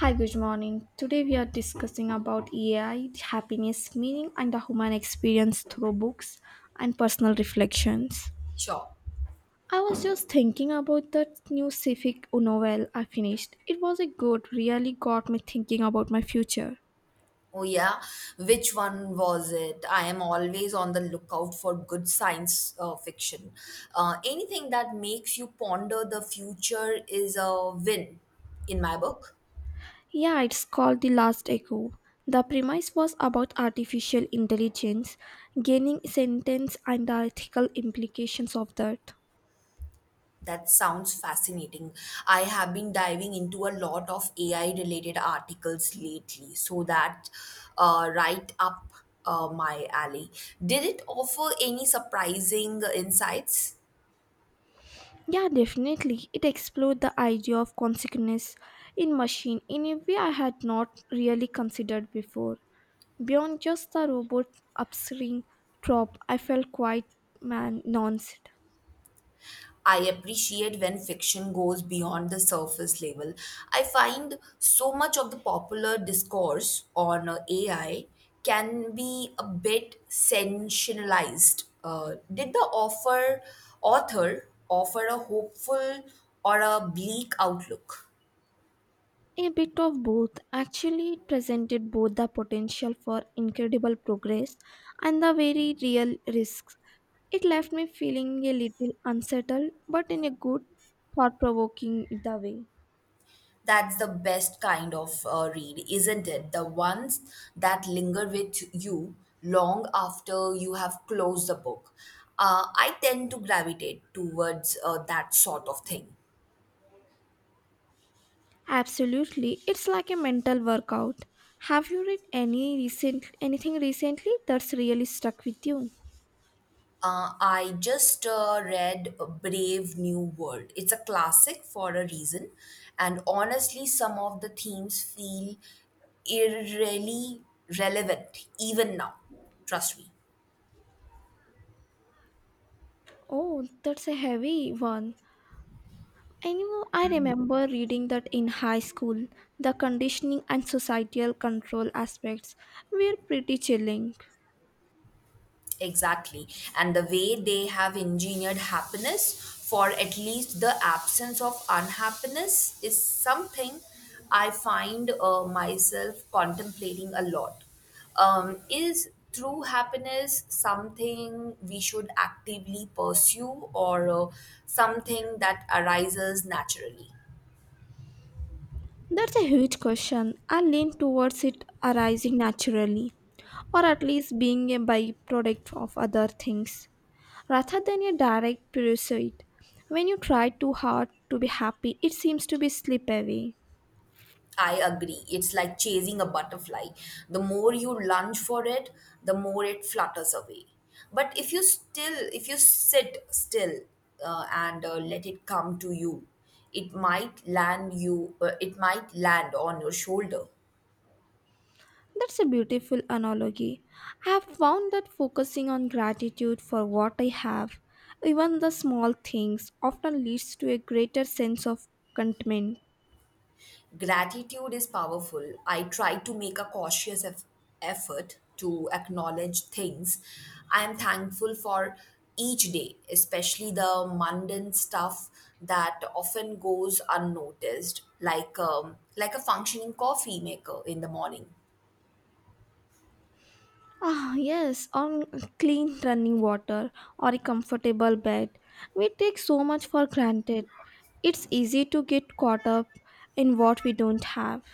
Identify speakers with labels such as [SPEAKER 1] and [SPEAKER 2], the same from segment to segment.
[SPEAKER 1] Hi, good morning. Today we are discussing about AI, happiness, meaning, and the human experience through books and personal reflections.
[SPEAKER 2] Sure.
[SPEAKER 1] I was just thinking about that new Civic novel I finished. It was a good, really got me thinking about my future.
[SPEAKER 2] Oh, yeah. Which one was it? I am always on the lookout for good science fiction. Anything that makes you ponder the future is a win in my book.
[SPEAKER 1] Yeah, it's called The Last Echo. The premise was about artificial intelligence, gaining sentience and the ethical implications of that.
[SPEAKER 2] That sounds fascinating. I have been diving into a lot of AI related articles lately, so that right up my alley. Did it offer any surprising insights?
[SPEAKER 1] Yeah, definitely. It explored the idea of consciousness in machine in a way I had not really considered before. Beyond just the robot upstream trope, I felt quite man nuanced.
[SPEAKER 2] I appreciate when fiction goes beyond the surface level. I find so much of the popular discourse on AI can be a bit sensationalized. Did the offer author offer a hopeful or a bleak outlook?
[SPEAKER 1] A bit of both. Actually, it presented both the potential for incredible progress and the very real risks. It left me feeling a little unsettled, but in a good, thought provoking way.
[SPEAKER 2] That's the best kind of read, isn't it? The ones that linger with you long after you have closed the book. I tend to gravitate towards that sort of thing.
[SPEAKER 1] Absolutely. It's like a mental workout. Have you read any recent anything recently that's really stuck with you?
[SPEAKER 2] I just read A Brave New World. It's a classic for a reason, and honestly, some of the themes feel irrelevant even now. Trust me.
[SPEAKER 1] Oh, that's a heavy one. Anyway, I remember reading that in high school. The conditioning and societal control aspects were pretty chilling.
[SPEAKER 2] Exactly. And the way they have engineered happiness, for at least the absence of unhappiness, is something I find myself contemplating a lot. Is true happiness something we should actively pursue or something that arises naturally?
[SPEAKER 1] That's a huge question. I lean towards it arising naturally, or at least being a byproduct of other things, rather than a direct pursuit. When you try too hard to be happy, it seems to be slip away.
[SPEAKER 2] I agree. It's like chasing a butterfly. The more you lunge for it, the more it flutters away. But if you still, If you sit still and let it come to you, it might land you. It might land on your shoulder.
[SPEAKER 1] That's a beautiful analogy. I have found that focusing on gratitude for what I have, even the small things, often leads to a greater sense of contentment.
[SPEAKER 2] Gratitude is powerful. I try to make a cautious effort to acknowledge things I am thankful for each day, especially the mundane stuff that often goes unnoticed, like a functioning coffee maker in the morning.
[SPEAKER 1] Ah, yes, on clean running water or a comfortable bed. We take so much for granted. It's easy to get caught up in what we don't have.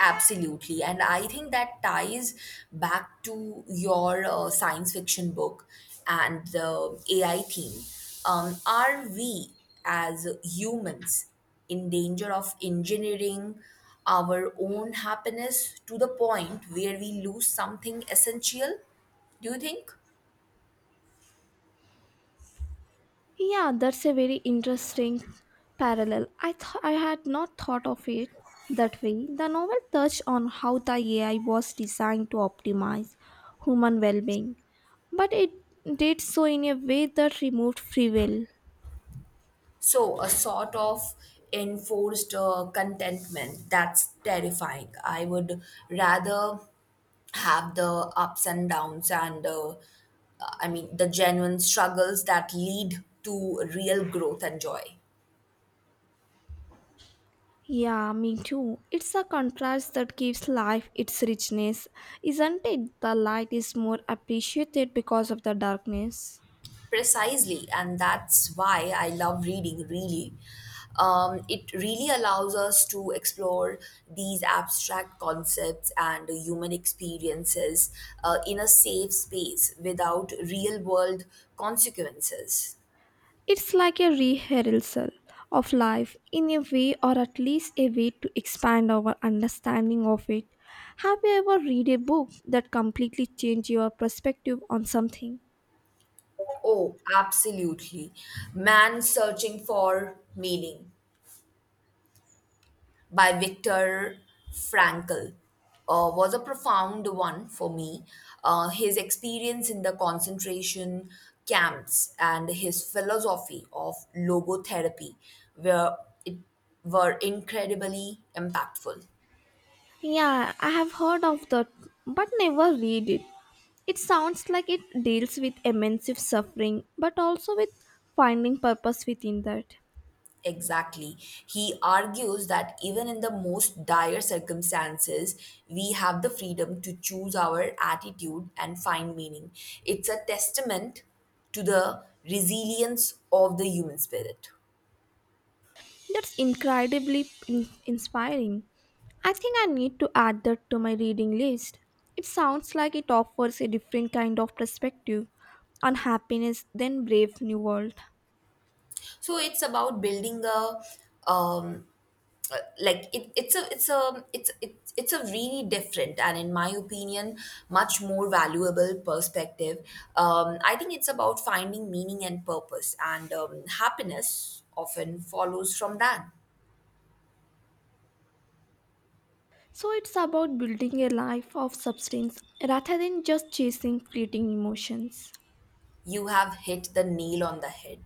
[SPEAKER 2] Absolutely. And I think that ties back to your science fiction book and the AI theme. Are we as humans in danger of engineering our own happiness to the point where we lose something essential? Do you think?
[SPEAKER 1] Yeah, that's a very interesting parallel. I had not thought of it that way. The novel touched on how the AI was designed to optimize human well-being, but it did so in a way that removed free will.
[SPEAKER 2] So, a sort of enforced contentment, that's terrifying. I would rather have the ups and downs and I mean the genuine struggles that lead to real growth and joy.
[SPEAKER 1] Yeah, me too. It's a contrast that gives life its richness, isn't it? The light is more appreciated because of the darkness.
[SPEAKER 2] Precisely, and that's why I love reading, really. It really allows us to explore these abstract concepts and human experiences in a safe space without real world consequences.
[SPEAKER 1] It's like a rehearsal of life in a way, or at least a way to expand our understanding of it. Have you ever read a book that completely changed your perspective on something?
[SPEAKER 2] Oh, absolutely. Man searching for meaning by Viktor Frankl was a profound one for me. His experience in the concentration camps and his philosophy of logotherapy were, it, were incredibly impactful.
[SPEAKER 1] Yeah, I have heard of that, but never read it. It sounds like it deals with immense suffering, but also with finding purpose within that.
[SPEAKER 2] Exactly. He argues that even in the most dire circumstances, we have the freedom to choose our attitude and find meaning. It's a testament to the resilience of the human spirit.
[SPEAKER 1] That's incredibly inspiring. I think I need to add that to my reading list. It sounds like it offers a different kind of perspective on happiness than Brave New World.
[SPEAKER 2] So it's about building a um, like it, it's a it's a it's it's a really different and in my opinion much more valuable perspective. I think it's about finding meaning and purpose, and happiness often follows from that.
[SPEAKER 1] So it's about building a life of substance rather than just chasing fleeting emotions.
[SPEAKER 2] You have hit the nail on the head.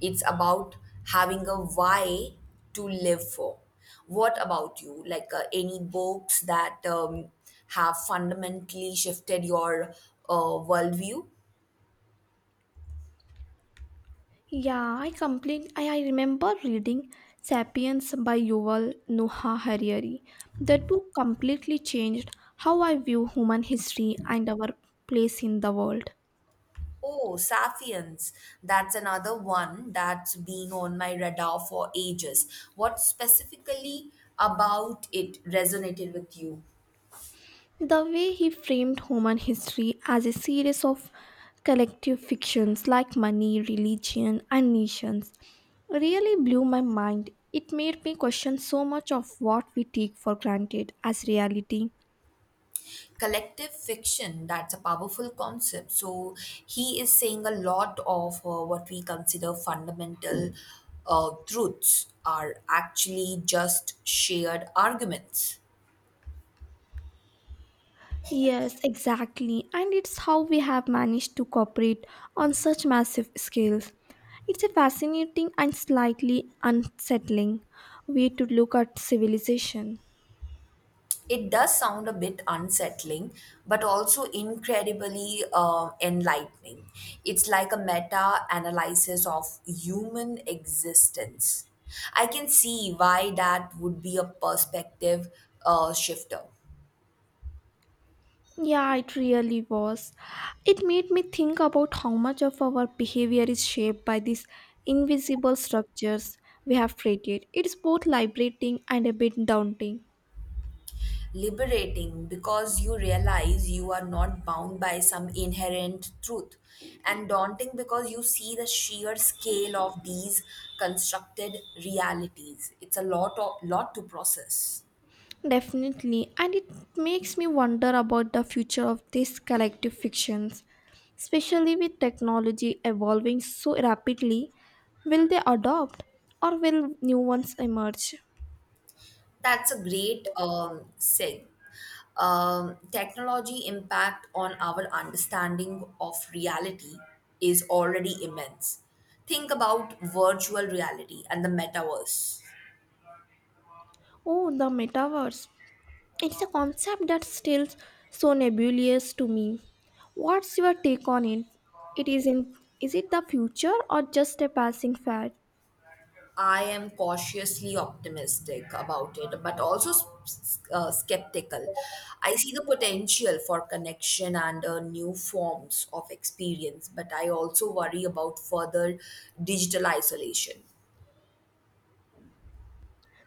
[SPEAKER 2] It's about having a why to live for. What about you? Like any books that have fundamentally shifted your worldview?
[SPEAKER 1] Yeah, I complete. I remember reading *Sapiens* by Yuval Noah Harari. That book completely changed how I view human history and our place in the world.
[SPEAKER 2] Oh, Sapiens. That's another one that's been on my radar for ages. What specifically about it resonated with you?
[SPEAKER 1] The way he framed human history as a series of collective fictions like money, religion, and nations really blew my mind. It made me question so much of what we take for granted as reality.
[SPEAKER 2] Collective fiction, that's a powerful concept. So he is saying a lot of what we consider fundamental truths are actually just shared arguments.
[SPEAKER 1] Yes, exactly. And it's how we have managed to cooperate on such massive scales. It's a fascinating and slightly unsettling way to look at civilization.
[SPEAKER 2] It does sound a bit unsettling, but also incredibly enlightening. It's like a meta analysis of human existence. I can see why that would be a perspective shifter.
[SPEAKER 1] Yeah, it really was. It made me think about how much of our behavior is shaped by these invisible structures we have created. It's both liberating and a bit daunting.
[SPEAKER 2] Liberating because you realize you are not bound by some inherent truth, and daunting because you see the sheer scale of these constructed realities. It's a lot to process.
[SPEAKER 1] Definitely, and it makes me wonder about the future of these collective fictions, especially with technology evolving so rapidly. Will they adopt or will new ones emerge?
[SPEAKER 2] That's a great seg. Technology impact on our understanding of reality is already immense. Think about virtual reality and the metaverse.
[SPEAKER 1] Oh, the metaverse. It's a concept that's still so nebulous to me. What's your take on it? It is in is it the future or just a passing fad?
[SPEAKER 2] I am cautiously optimistic about it, but also skeptical. I see the potential for connection and new forms of experience, but I also worry about further digital isolation.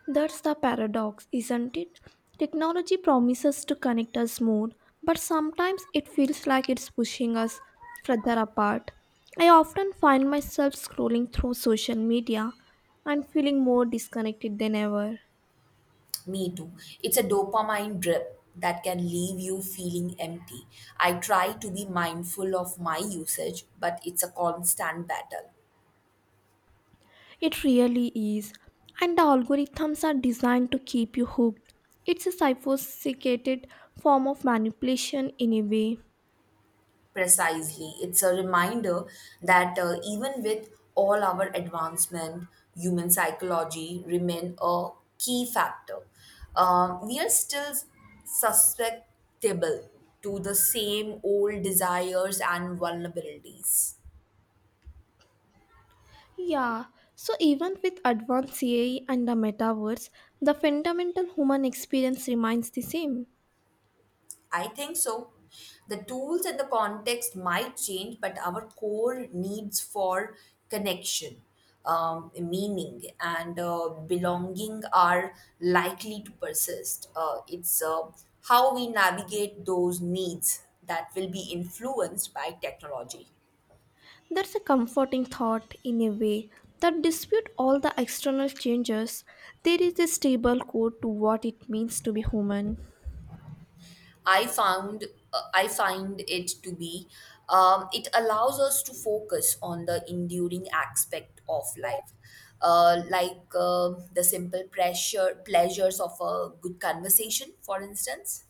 [SPEAKER 1] That's the paradox, isn't it? Technology promises to connect us more, but sometimes it feels like it's pushing us further apart. I often find myself scrolling through social media and feeling more disconnected than ever.
[SPEAKER 2] Me too. It's a dopamine drip that can leave you feeling empty. I try to be mindful of my usage, but it's a constant battle.
[SPEAKER 1] It really is. And the algorithms are designed to keep you hooked. It's a sophisticated form of manipulation in a way.
[SPEAKER 2] Precisely. It's a reminder that even with all our advancement, human psychology remain a key factor. We are still susceptible to the same old desires and vulnerabilities.
[SPEAKER 1] Yeah, so even with advanced AI and the metaverse, the fundamental human experience remains the same.
[SPEAKER 2] I think so. The tools and the context might change, but our core needs for connection, meaning, and belonging are likely to persist. It's how we navigate those needs that will be influenced by technology.
[SPEAKER 1] That's a comforting thought in a way that dispute all the external changes. There is a stable core to what it means to be human.
[SPEAKER 2] I found I find it to be it allows us to focus on the enduring aspect of life, like the simple pressure pleasures of a good conversation, for instance.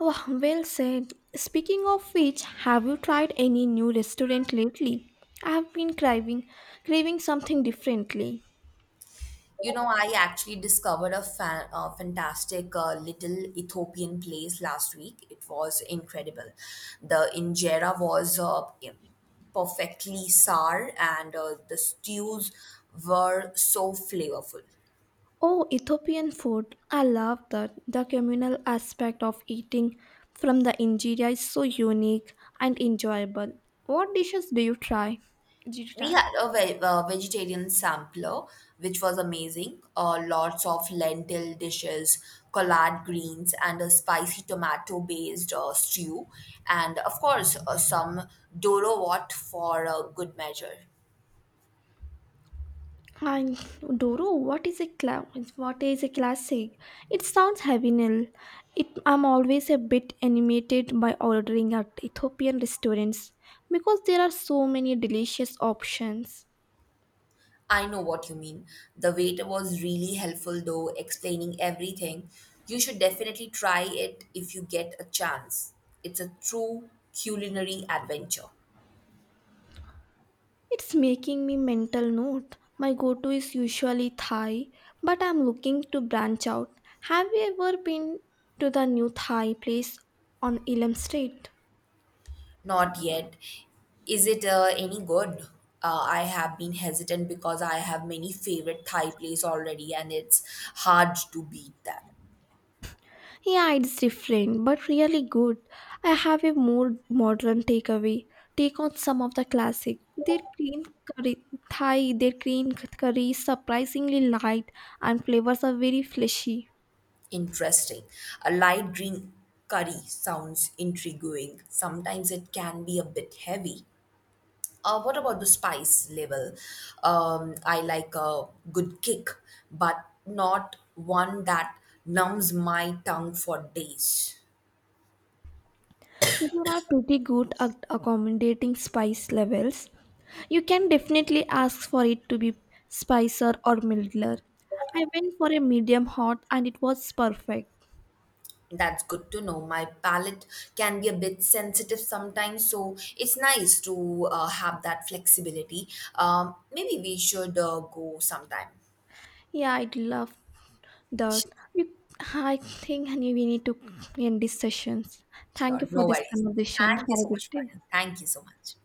[SPEAKER 1] Wow, well said. Speaking of which, have you tried any new restaurant lately? I've been craving something differently.
[SPEAKER 2] You know, I actually discovered a fantastic little Ethiopian place last week. It was incredible. The injera was perfectly sour, and the stews were so flavorful.
[SPEAKER 1] Oh, Ethiopian food. I love that. The communal aspect of eating from the injera is so unique and enjoyable. What dishes do you try? Did you
[SPEAKER 2] We
[SPEAKER 1] try?
[SPEAKER 2] had a vegetarian sampler, which was amazing. Lots of lentil dishes, collard greens, and a spicy tomato based stew. And of course, some Doro Wat for good measure.
[SPEAKER 1] And Doro, what is a cla- what is a classic? It sounds heavy nil. It, I'm always a bit animated by ordering at Ethiopian restaurants because there are so many delicious options.
[SPEAKER 2] I know what you mean. The waiter was really helpful, though, explaining everything. You should definitely try it if you get a chance. It's a true culinary adventure.
[SPEAKER 1] It's making me mental note. My go-to is usually Thai, but I'm looking to branch out. Have you ever been to the new Thai place on Elam Street?
[SPEAKER 2] Not yet. Is it any good? I have been hesitant because I have many favorite Thai place already and it's hard to beat that.
[SPEAKER 1] Yeah, it's different, but really good. I have a more modern takeaway. Take on some of the classic. Curry, their green curry is surprisingly light and flavors are very fleshy.
[SPEAKER 2] Interesting. A light green curry sounds intriguing. Sometimes it can be a bit heavy. What about the spice level? I like a good kick, but not one that numbs my tongue for days.
[SPEAKER 1] They are pretty good at accommodating spice levels. You can definitely ask for it to be spicier or milder. I went for a medium hot and it was perfect.
[SPEAKER 2] That's good to know. My palate can be a bit sensitive sometimes, so it's nice to have that flexibility. Maybe we should go sometime.
[SPEAKER 1] Yeah, I'd love that.
[SPEAKER 2] Sure,
[SPEAKER 1] We, I think we need to end these sessions. Thank
[SPEAKER 2] sure,
[SPEAKER 1] you for
[SPEAKER 2] no
[SPEAKER 1] this
[SPEAKER 2] worries.
[SPEAKER 1] conversation. Have
[SPEAKER 2] Thank you
[SPEAKER 1] a
[SPEAKER 2] so
[SPEAKER 1] good
[SPEAKER 2] much,
[SPEAKER 1] day.
[SPEAKER 2] Fahim. Thank you so much.